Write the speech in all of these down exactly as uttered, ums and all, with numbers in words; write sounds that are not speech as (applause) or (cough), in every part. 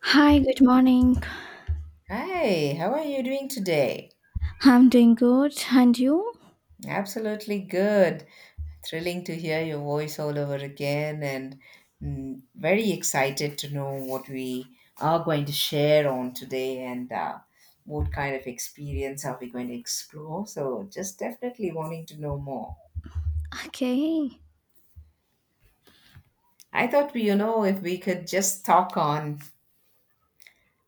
Hi, good morning. Hi, how are you doing today? I'm doing good. And you? Absolutely good. Thrilling to hear your voice all over again, and mm, very excited to know what we are going to share on today and uh, what kind of experience are we going to explore. So, just definitely wanting to know more. Okay. I thought, we, you know, if we could just talk on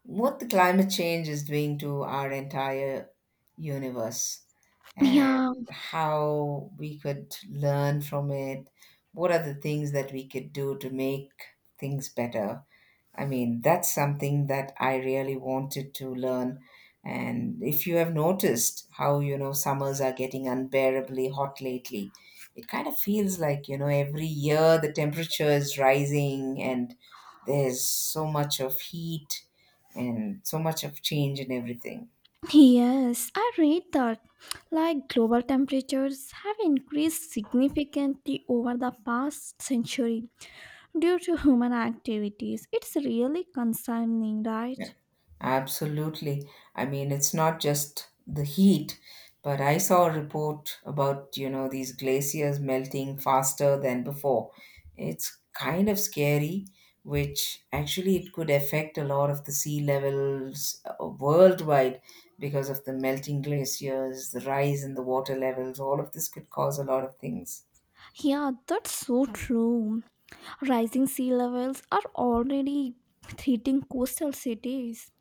what the climate change is doing to our entire universe and Yeah, how we could learn from it. What are the things that we could do to make things better? I mean, that's something that I really wanted to learn. And if you have noticed how, you know, summers are getting unbearably hot lately, it kind of feels like, you know, every year the temperature is rising and there's so much of heat and so much of change and everything. yes, I read that like global temperatures have increased significantly over the past century due to human activities. It's really concerning, right? Absolutely. I mean, it's not just the heat, but I saw a report about, you know, these glaciers melting faster than before. It's kind of scary, which actually it could affect a lot of the sea levels uh, worldwide because of the melting glaciers, the rise in the water levels, all of this could cause a lot of things. Yeah, that's so true. Rising sea levels are already threatening coastal cities.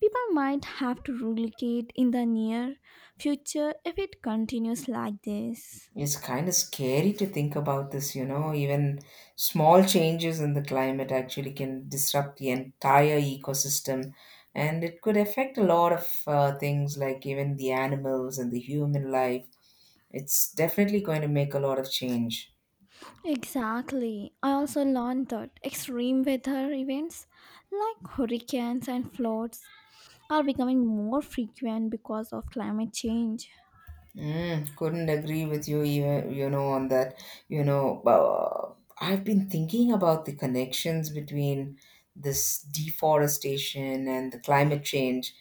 People might have to relocate in the near future if it continues like this. It's kind of scary to think about this, you know. Even small changes in the climate actually can disrupt the entire ecosystem, and it could affect a lot of uh, things like even the animals and the human life. It's definitely going to make a lot of change. Exactly. I also learned that extreme weather events like hurricanes and floods are becoming more frequent because of climate change. Mm, couldn't agree with you, even you know, on that. You know, uh, I've been thinking about the connections between this deforestation and the climate change,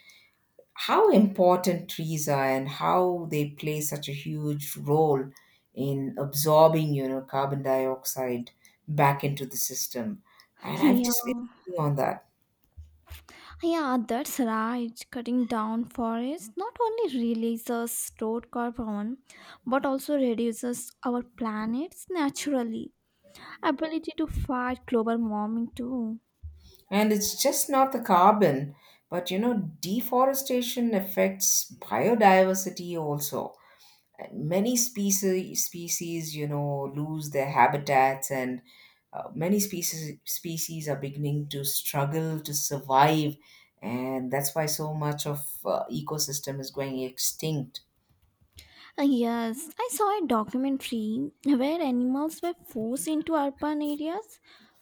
how important trees are and how they play such a huge role in absorbing, you know, carbon dioxide back into the system, and I've Yeah, just been thinking on that. yeah, that's right. Cutting down forests not only releases stored carbon but also reduces our planet's naturally ability to fight global warming too. And it's just not the carbon, but, you know, deforestation affects biodiversity also. Many species species, you know, lose their habitats, and uh, many species species are beginning to struggle to survive, and that's why so much of uh, ecosystem is going extinct. Uh, Yes, I saw a documentary where animals were forced into urban areas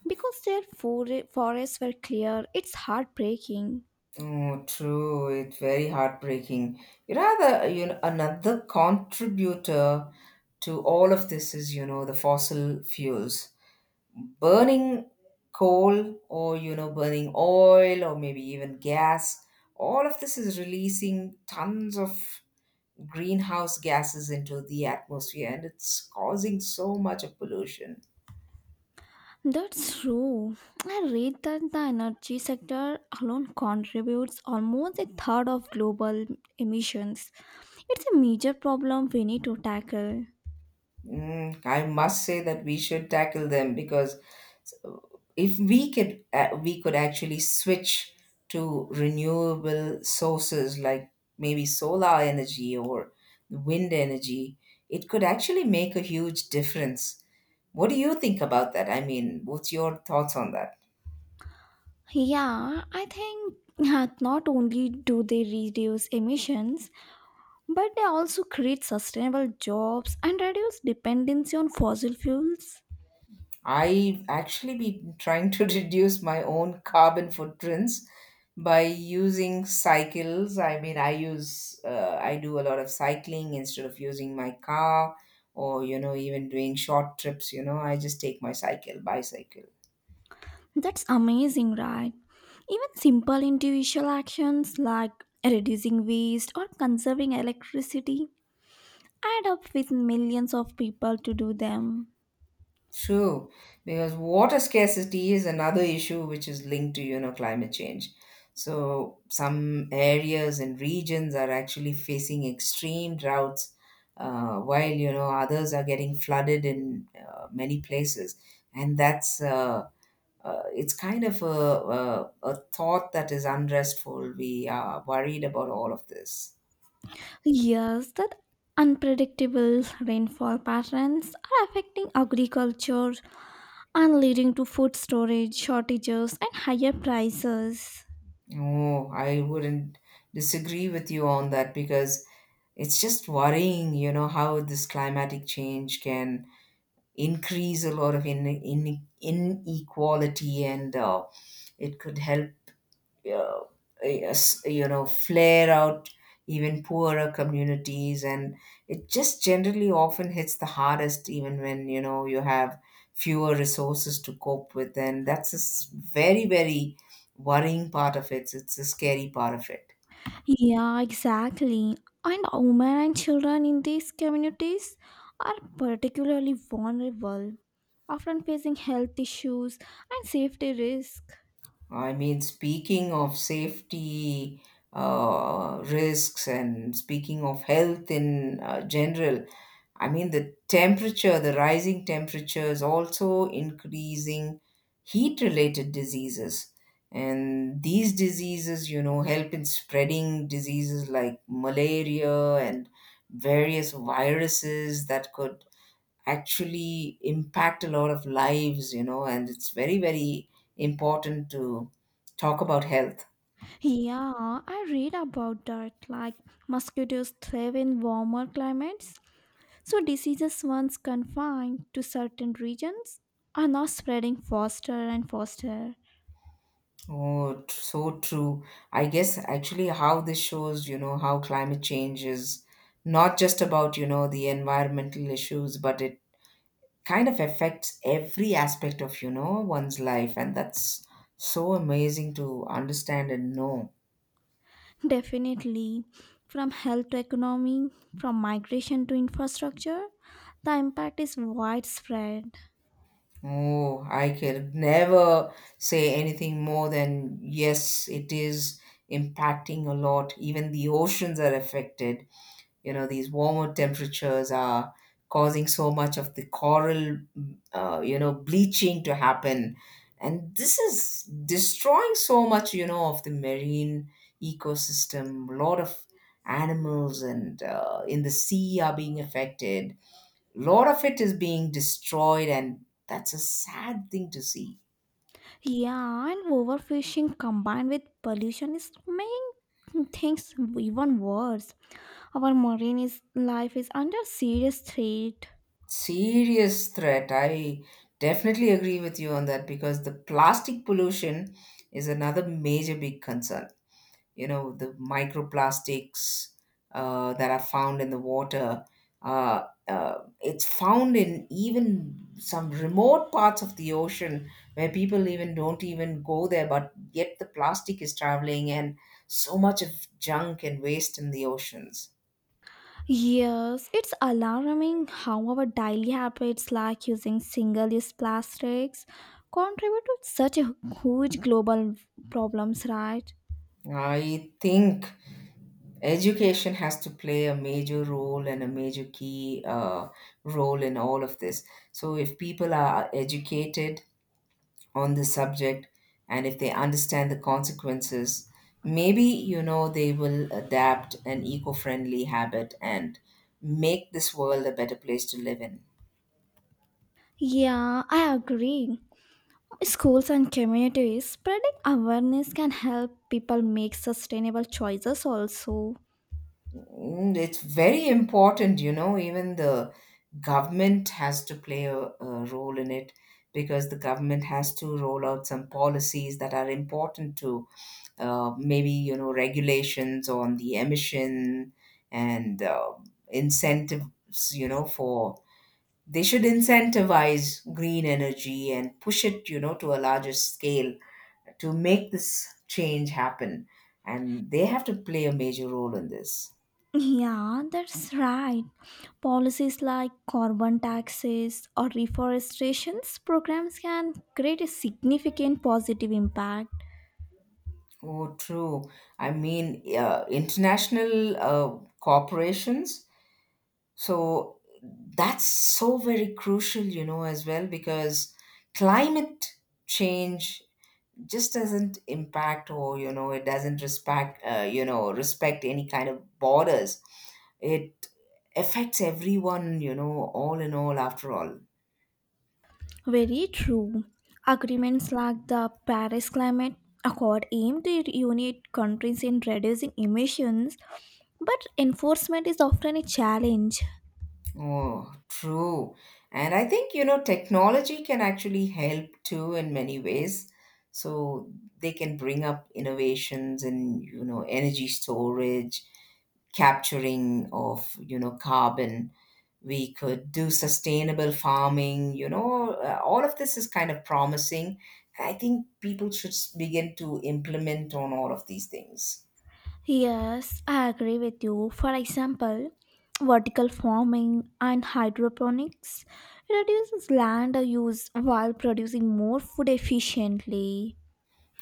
because their fore- forests were clear. It's heartbreaking. Oh, true. It's very heartbreaking. You know, the, you know, another contributor to all of this is, you know, the fossil fuels. Burning coal, or you know, burning oil, or maybe even gas, all of this is releasing tons of greenhouse gases into the atmosphere, and it's causing so much of pollution. That's true. I read that the energy sector alone contributes almost a third of global emissions. It's a major problem we need to tackle. Mm, I must say that we should tackle them, because if we could uh, we could actually switch to renewable sources like maybe solar energy or wind energy, it could actually make a huge difference. What do you think about that? I mean, what's your thoughts on that? Yeah, I think uh, not only do they reduce emissions, but they also create sustainable jobs and reduce dependency on fossil fuels. I actually been trying to (laughs) reduce my own carbon footprints by using cycles. I mean, I use, uh, I do a lot of cycling instead of using my car, or, you know, even doing short trips, you know, I just take my cycle, bicycle. That's amazing, right? Even simple individual actions like reducing waste or conserving electricity add up with millions of people to do them. True, because water scarcity is another issue which is linked to, you know, climate change. So some areas and regions are actually facing extreme droughts, uh, while, you know, others are getting flooded in uh, many places. And that's, uh, uh, it's kind of a, a, a thought that is unrestful. We are worried about all of this. Yes, that unpredictable rainfall patterns are affecting agriculture and leading to food storage shortages and higher prices. Oh, I wouldn't disagree with you on that, because it's just worrying, you know, how this climatic change can increase a lot of in, in, inequality, and uh, it could help, uh, yes, you know, flare out even poorer communities. And it just generally often hits the hardest, even when, you know, you have fewer resources to cope with. And that's a s- very, very worrying part of it. It's a scary part of it. Yeah, exactly. And women and children in these communities are particularly vulnerable, often facing health issues and safety risks. I mean, speaking of safety uh, risks and speaking of health in uh, general, I mean, the temperature, the rising temperature is also increasing heat related diseases. And these diseases, you know, help in spreading diseases like malaria and various viruses that could actually impact a lot of lives, you know, and it's very, very important to talk about health. Yeah, I read about that. Like mosquitoes thrive in warmer climates, so diseases once confined to certain regions are now spreading faster and faster. Oh, t- so true. I guess actually how this shows, you know, how climate change is not just about, you know, the environmental issues, but it kind of affects every aspect of, you know, one's life. And that's so amazing to understand and know. Definitely. From health to economy, from migration to infrastructure, the impact is widespread. Oh, I could never say anything more than yes, it is impacting a lot. Even the oceans are affected. You know, these warmer temperatures are causing so much of the coral, uh, you know, bleaching to happen. And this is destroying so much, you know, of the marine ecosystem. A lot of animals and uh, in the sea are being affected, lot of it is being destroyed, and that's a sad thing to see. Yeah, and overfishing combined with pollution is making things even worse. Our marine is, life is under serious threat. Serious threat. I definitely agree with you on that, because the plastic pollution is another major big concern. You know, the microplastics uh, that are found in the water, uh, uh, it's found in even some remote parts of the ocean where people even don't even go there, but yet the plastic is traveling, and so much of junk and waste in the oceans. Yes, it's alarming how our daily habits like using single use plastics contribute to such a huge global problems, right? I think education has to play a major role and a major key uh, role in all of this. So if people are educated on the subject and if they understand the consequences, maybe, you know, they will adapt an eco-friendly habit and make this world a better place to live in. Yeah, I agree. Schools and communities spreading awareness can help people make sustainable choices also. Mm, it's very important, you know, even the government has to play a, a role in it, because the government has to roll out some policies that are important to, uh, maybe, you know, regulations on the emission, and uh, incentives, you know, for, they should incentivize green energy and push it, you know, to a larger scale to make this change happen. And they have to play a major role in this. Yeah, that's right. Policies like carbon taxes or reforestation programs can create a significant positive impact. Oh, true. I mean, uh, international uh, corporations. So that's so very crucial, you know, as well, because climate change just doesn't impact, or, you know, it doesn't respect, uh, you know, respect any kind of borders. It affects everyone, you know, all in all, after all. Very true. Agreements like the Paris Climate Accord aim to unite countries in reducing emissions, but enforcement is often a challenge. Oh, true. And I think, you know, technology can actually help too in many ways. So they can bring up innovations in, you know, energy storage, capturing of, you know, carbon. We could do sustainable farming, you know, uh, all of this is kind of promising. I think people should s- begin to implement on all of these things. Yes, I agree with you. For example, vertical farming and hydroponics reduces land use while producing more food efficiently.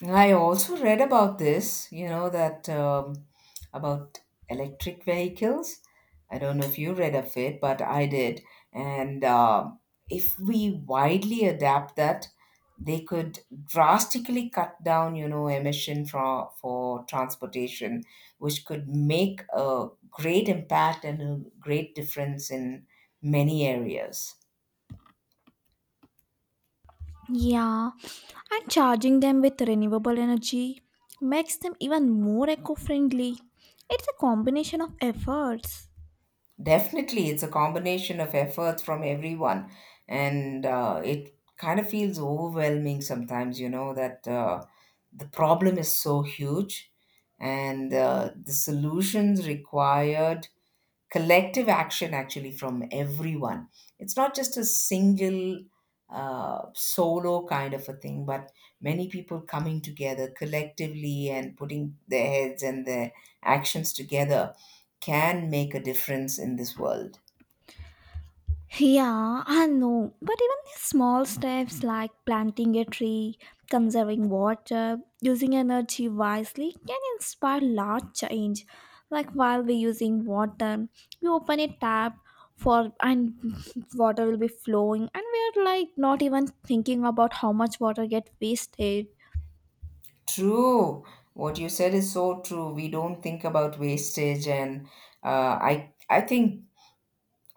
I also read about this, you know, that um, about electric vehicles. I don't know if you read of it, but I did. And um if we widely adapt that, they could drastically cut down, you know, emission for, for transportation, which could make a great impact and a great difference in many areas. Yeah, and charging them with renewable energy makes them even more eco friendly. It's a combination of efforts. Definitely, it's a combination of efforts from everyone, and uh, it kind of feels overwhelming sometimes, you know, that uh, the problem is so huge, and uh, the solutions required collective action actually from everyone. It's not just a single uh, solo kind of a thing, but many people coming together collectively and putting their heads and their actions together can make a difference in this world. Yeah, I know. But even these small steps like planting a tree, conserving water, using energy wisely can inspire large change. Like while we're using water, we open a tap for and (laughs) water will be flowing and we're like not even thinking about how much water get wasted. True. What you said is so true. We don't think about wastage, and uh, I I think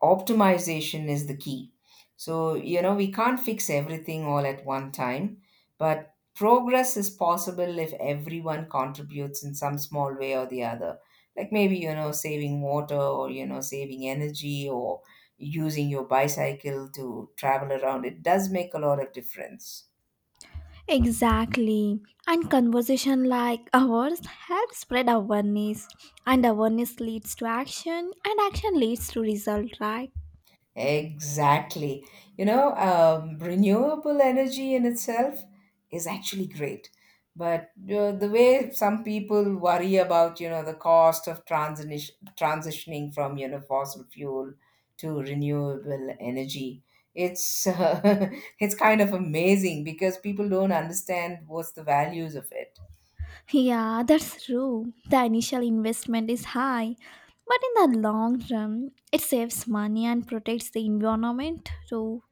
optimization is the key. So, you know, we can't fix everything all at one time, but progress is possible if everyone contributes in some small way or the other. Like maybe, you know, saving water, or, you know, saving energy, or using your bicycle to travel around. It does make a lot of difference. Exactly. And conversation like ours help spread awareness, and awareness leads to action, and action leads to result, right? Exactly. You know, um, renewable energy in itself is actually great. But uh, the way some people worry about, you know, the cost of transition transitioning from, you know, fossil fuel to renewable energy, it's uh, (laughs) it's kind of amazing because people don't understand what's the values of it. Yeah, that's true. The initial investment is high, but in the long run, it saves money and protects the environment too.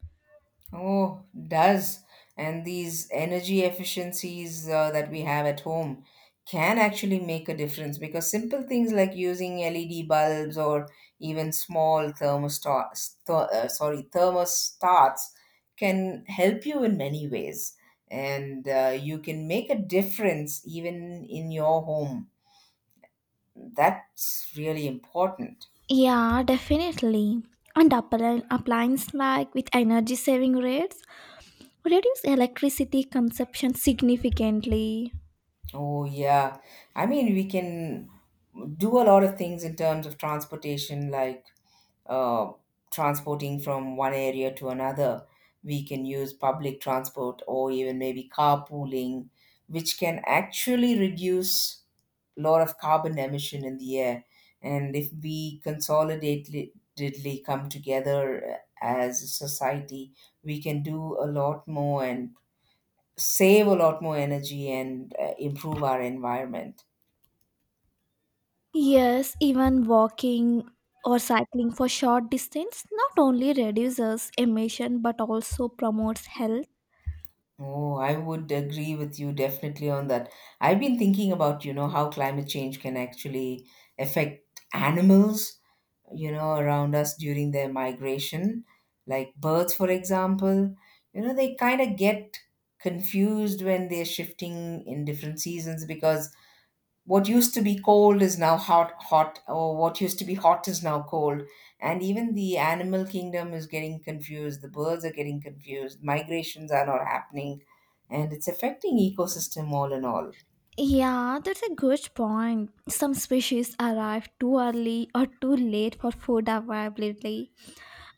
Oh, does. And these energy efficiencies uh, that we have at home can actually make a difference, because simple things like using L E D bulbs or even small thermostats, th- uh, sorry, thermostats can help you in many ways. And uh, you can make a difference even in your home. That's really important. Yeah, definitely. And appli- appliances like with energy saving rates reduce electricity consumption significantly. Oh, yeah. I mean, we can do a lot of things in terms of transportation, like uh, transporting from one area to another. We can use public transport or even maybe carpooling, which can actually reduce a lot of carbon emission in the air. And if we consolidatedly come together uh, as a society, we can do a lot more and save a lot more energy and uh, improve our environment. Yes, even walking or cycling for short distance not only reduces emission but also promotes health. Oh, I would agree with you definitely on that. I've been thinking about, you know, how climate change can actually affect animals, you know, around us during their migration, like birds, for example. You know, they kind of get confused when they're shifting in different seasons because what used to be cold is now hot hot or what used to be hot is now cold, and even the animal kingdom is getting confused. The birds are getting confused, migrations are not happening, and it's affecting ecosystem all in all. Yeah, that's a good point. Some species arrive too early or too late for food availability,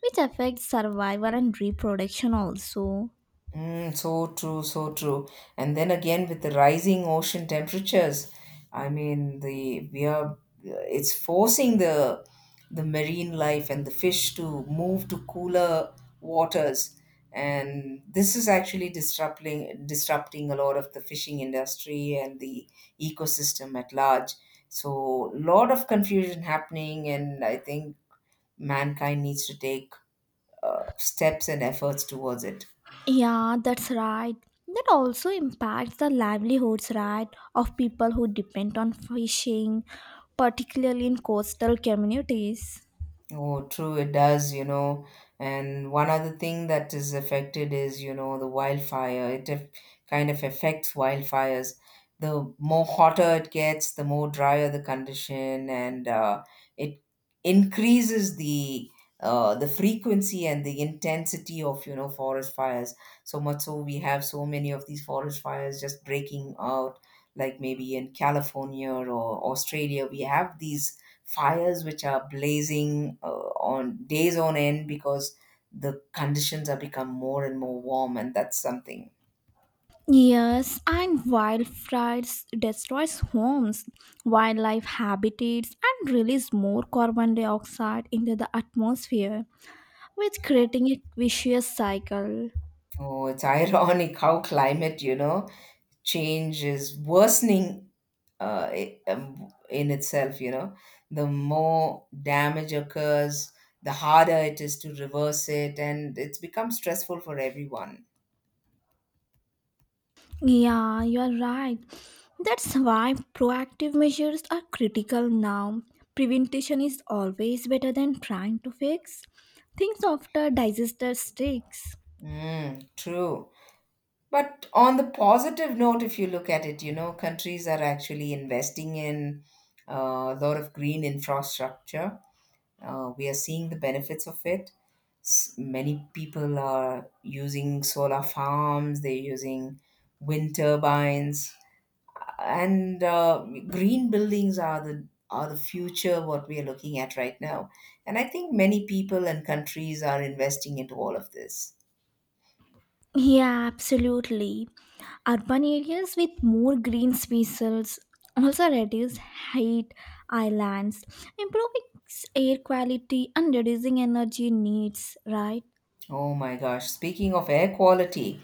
which affects survival and reproduction also. Mm, so true, so true. And then again, with the rising ocean temperatures, I mean, the we are it's forcing the the marine life and the fish to move to cooler waters, and this is actually disrupting disrupting a lot of the fishing industry and the ecosystem at large. So, a lot of confusion happening, and I think mankind needs to take uh, steps and efforts towards it. Yeah, that's right. That also impacts the livelihoods, right, of people who depend on fishing, particularly in coastal communities. Oh, true, it does, you know. And one other thing that is affected is, you know, the wildfire. It def- kind of affects wildfires. The more hotter it gets, the more drier the condition, and uh, it increases the uh, the frequency and the intensity of, you know, forest fires. So much so we have so many of these forest fires just breaking out, like maybe in California or Australia. We have these fires which are blazing uh, on days on end because the conditions have become more and more warm, and that's something. Yes, and wildfires destroys homes, wildlife habitats, and release more carbon dioxide into the atmosphere, with creating a vicious cycle. Oh, it's (laughs) ironic how climate, you know, change is worsening uh, i- um, in itself, you know. The more damage occurs, the harder it is to reverse it, and it's become stressful for everyone. Yeah, you're right. That's why proactive measures are critical now. Prevention is always better than trying to fix things after disaster strikes. Mm, true. But on the positive note, if you look at it, you know, countries are actually investing in uh, a lot of green infrastructure. Uh, we are seeing the benefits of it. S- many people are using solar farms, they're using wind turbines, and uh, green buildings are the are the future what we are looking at right now. And I think many people and countries are investing into all of this. Yeah, absolutely. Urban areas with more green spaces also reduce heat islands, improving air quality and reducing energy needs, right? Oh my gosh, speaking of air quality,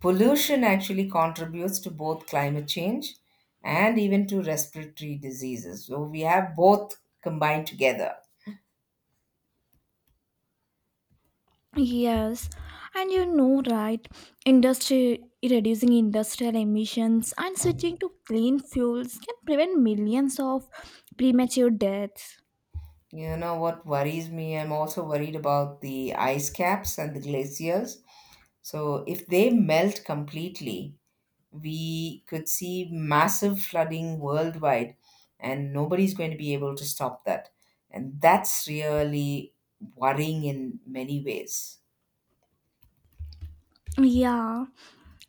pollution actually contributes to both climate change and even to respiratory diseases. So we have both combined together. Yes, and you know, right? Industry reducing industrial emissions and switching to clean fuels can prevent millions of premature deaths. You know what worries me? I'm also worried about the ice caps and the glaciers. So if they melt completely, we could see massive flooding worldwide, and nobody's going to be able to stop that. And that's really worrying in many ways. Yeah,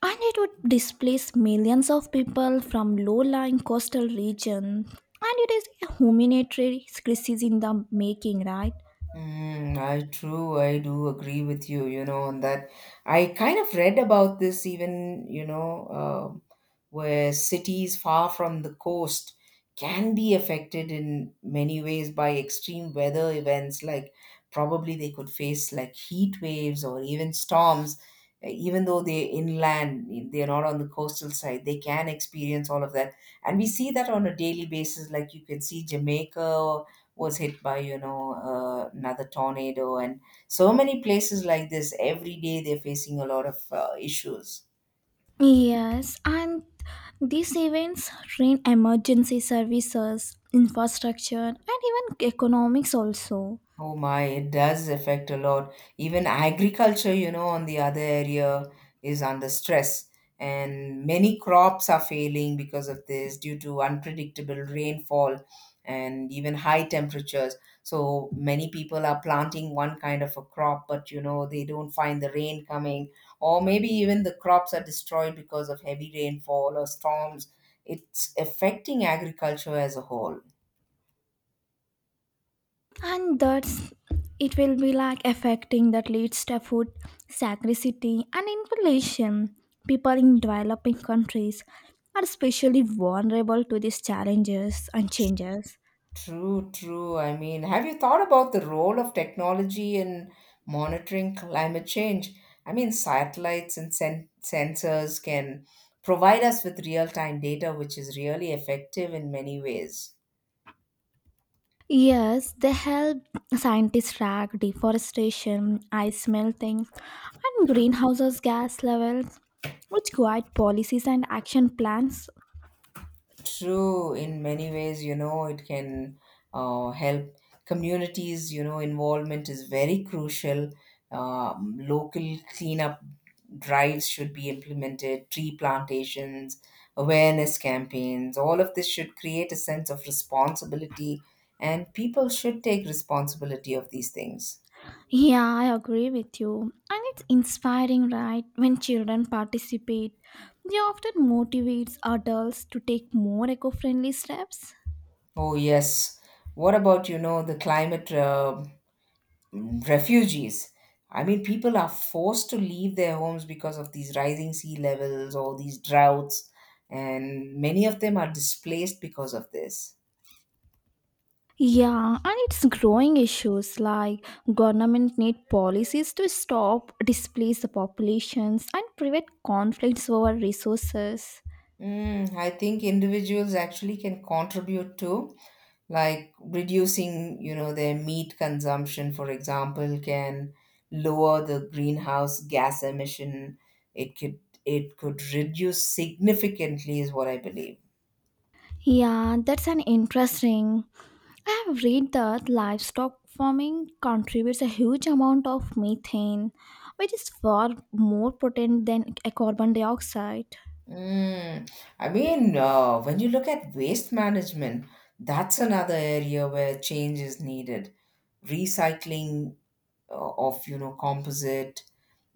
and it would displace millions of people from low-lying coastal regions. And it is a humanitarian crisis in the making, right? Mm, I true. I do agree with you, you know, on that. I kind of read about this even, you know, um where cities far from the coast can be affected in many ways by extreme weather events. Like, probably they could face like heat waves or even storms, uh, even though they're inland, they're not on the coastal side, they can experience all of that. And we see that on a daily basis. Like, you can see Jamaica was hit by, you know, uh, another tornado, and so many places like this every day they're facing a lot of uh, issues. Yes, and these events train emergency services, infrastructure, and even economics also. Oh my, it does affect a lot. Even agriculture, you know, on the other area is under stress. And many crops are failing because of this due to unpredictable rainfall and even high temperatures. So many people are planting one kind of a crop, but you know, they don't find the rain coming, or maybe even the crops are destroyed because of heavy rainfall or storms. It's affecting agriculture as a whole. And that's it will be like affecting that leads to food scarcity and inflation. People in developing countries are especially vulnerable to these challenges and changes. True, true. I mean, have you thought about the role of technology in monitoring climate change? I mean, satellites and sen- sensors can provide us with real time data, which is really effective in many ways. Yes, they help scientists track deforestation, ice melting, and greenhouse gas levels, which guide policies and action plans. True, in many ways, you know, it can uh, help communities, you know, involvement is very crucial. Um, local cleanup drives should be implemented, tree plantations, awareness campaigns, all of this should create a sense of responsibility, and people should take responsibility of these things. Yeah, I agree with you. And it's inspiring, right? When children participate, they often motivates adults to take more eco-friendly steps. Oh, yes. What about, you know, the climate? Uh, refugees. I mean, people are forced to leave their homes because of these rising sea levels or these droughts, and many of them are displaced because of this. Yeah, and it's growing issues like government need policies to stop displace the populations and prevent conflicts over resources. Mm, I think individuals actually can contribute to, like reducing, you know, their meat consumption, for example, can lower the greenhouse gas emission. It could it could reduce significantly, is what I believe. Yeah, that's an interesting. I have read that livestock farming contributes a huge amount of methane, which is far more potent than a carbon dioxide. Mm, I mean, uh, when you look at waste management, that's another area where change is needed. Recycling uh, of, you know, composite,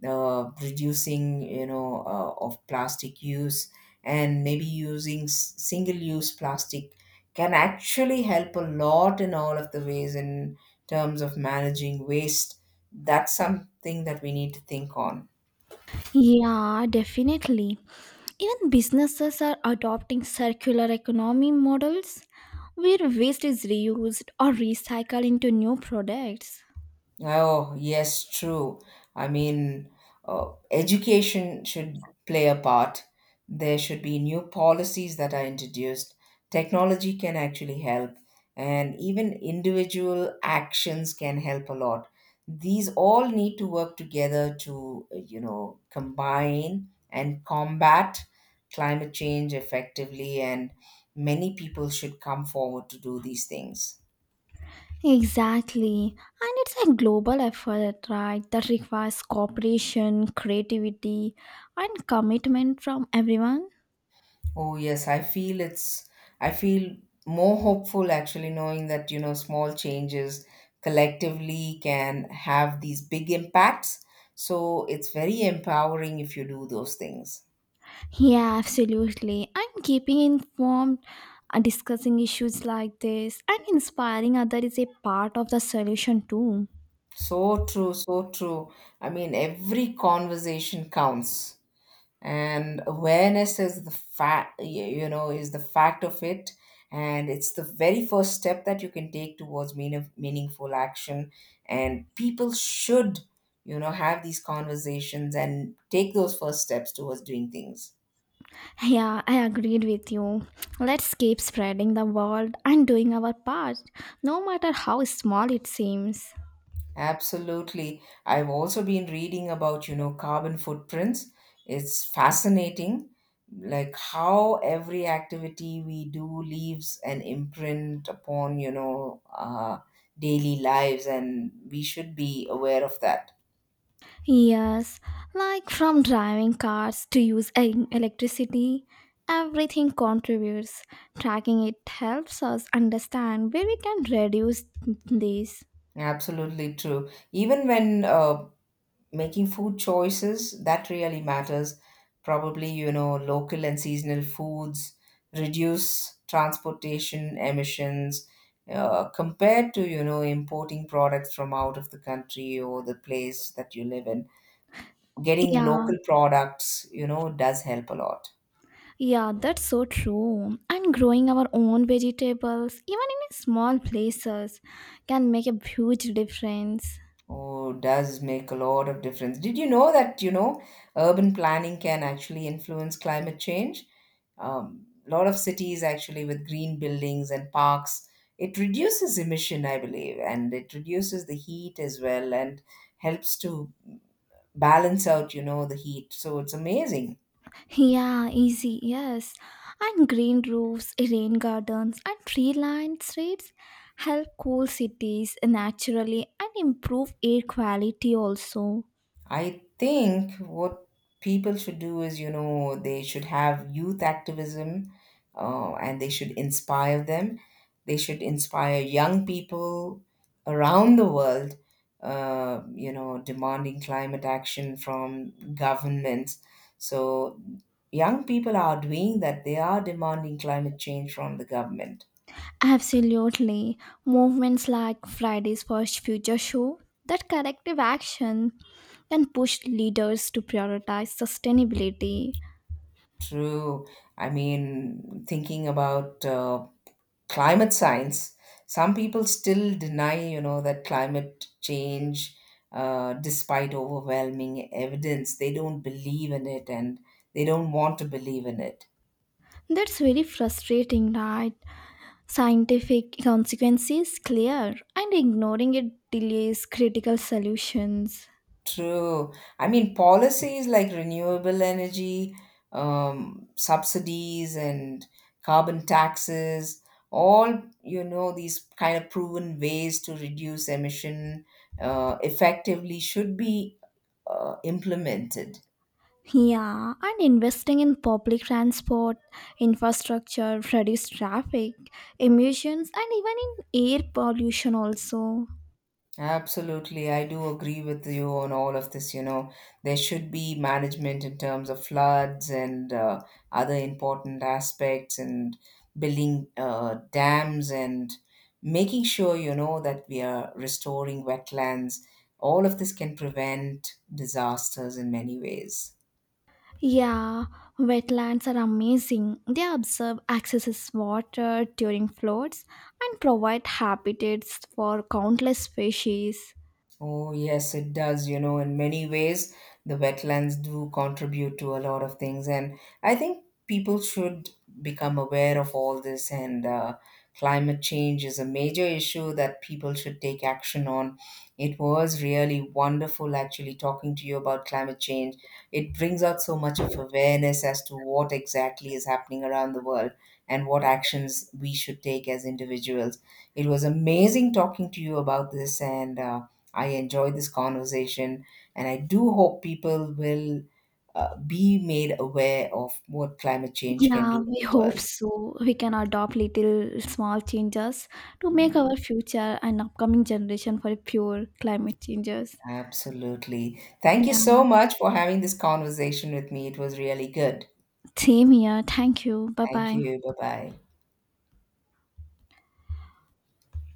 uh, reducing, you know, uh, of plastic use, and maybe using s- single-use plastic can actually help a lot in all of the ways in terms of managing waste. That's something that we need to think on. Yeah, definitely. Even businesses are adopting circular economy models where waste is reused or recycled into new products. Oh, yes, true. I mean, uh, education should play a part. There should be new policies that are introduced. Technology can actually help, and even individual actions can help a lot. These all need to work together to, uh, you know, combine and combat climate change effectively, and many people should come forward to do these things. Exactly. And it's a global effort, right, that requires cooperation, creativity, and commitment from everyone. Oh, yes, I feel it's, I feel more hopeful actually knowing that, you know, small changes collectively can have these big impacts. So it's very empowering if you do those things. Yeah, absolutely. And keeping informed and discussing issues like this and inspiring others is a part of the solution too. So true, so true. I mean, every conversation counts. And awareness is the fact, you know, is the fact of it, and it's the very first step that you can take towards mean- meaningful action. And people should, you know, have these conversations and take those first steps towards doing things. Yeah, I agreed with you. Let's keep spreading the word and doing our part, no matter how small it seems. Absolutely. I've also been reading about, you know, carbon footprints. It's fascinating, like how every activity we do leaves an imprint upon, you know, uh, daily lives, and we should be aware of that. Yes, like from driving cars to use e- electricity, everything contributes. Tracking it helps us understand where we can reduce this. Absolutely true. Even when uh, making food choices, that really matters. Probably, you know, local and seasonal foods reduce transportation emissions, uh, compared to, you know, importing products from out of the country or the place that you live in. Getting Yeah, local products, you know, does help a lot. Yeah, that's so true. And growing our own vegetables, even in small places, can make a huge difference. Oh, does make a lot of difference. Did you know that, you know, urban planning can actually influence climate change? Um, a lot of cities actually with green buildings and parks, it reduces emission, I believe, and it reduces the heat as well and helps to balance out, you know, the heat. So it's amazing. Yeah, easy, yes. And green roofs, rain gardens, and tree lined streets help cool cities naturally and improve air quality also. I think what people should do is, you know, they should have youth activism, uh, and they should inspire them. They should inspire young people around the world, uh, you know, demanding climate action from governments. So, young people are doing that. They are demanding climate change from the government. Absolutely. Movements like Fridays for Future Show, that collective action can push leaders to prioritize sustainability. True. I mean, thinking about uh, climate science, some people still deny, you know, that climate change, uh, despite overwhelming evidence, they don't believe in it, and they don't want to believe in it. That's very frustrating, right? Scientific consequences clear, and ignoring it delays critical solutions. True. I mean, policies like renewable energy, um, subsidies and carbon taxes, all, you know, these kind of proven ways to reduce emission uh, effectively should be uh, implemented. Yeah, and investing in public transport, infrastructure, reduce traffic, emissions, and even in air pollution also. Absolutely, I do agree with you on all of this. You know, there should be management in terms of floods and, uh, other important aspects, and building uh, dams and making sure, you know, that we are restoring wetlands. All of this can prevent disasters in many ways. Yeah, wetlands are amazing. They absorb excess water during floods and provide habitats for countless species. Oh, yes, it does. You know, in many ways, the wetlands do contribute to a lot of things. And I think people should become aware of all this. And uh, climate change is a major issue that people should take action on. It was really wonderful actually talking to you about climate change. It brings out so much of awareness as to what exactly is happening around the world and what actions we should take as individuals. It was amazing talking to you about this. And, uh, I enjoyed this conversation, and I do hope people will, uh, be made aware of what climate change can Yeah, do to we the hope world. so. We can adopt little small changes to make Mm, our future and upcoming generation for pure climate changes. absolutely. Thank you Yeah, so much for having this conversation with me. It was really good. same here. Thank you. Bye Thank bye. you. Bye bye.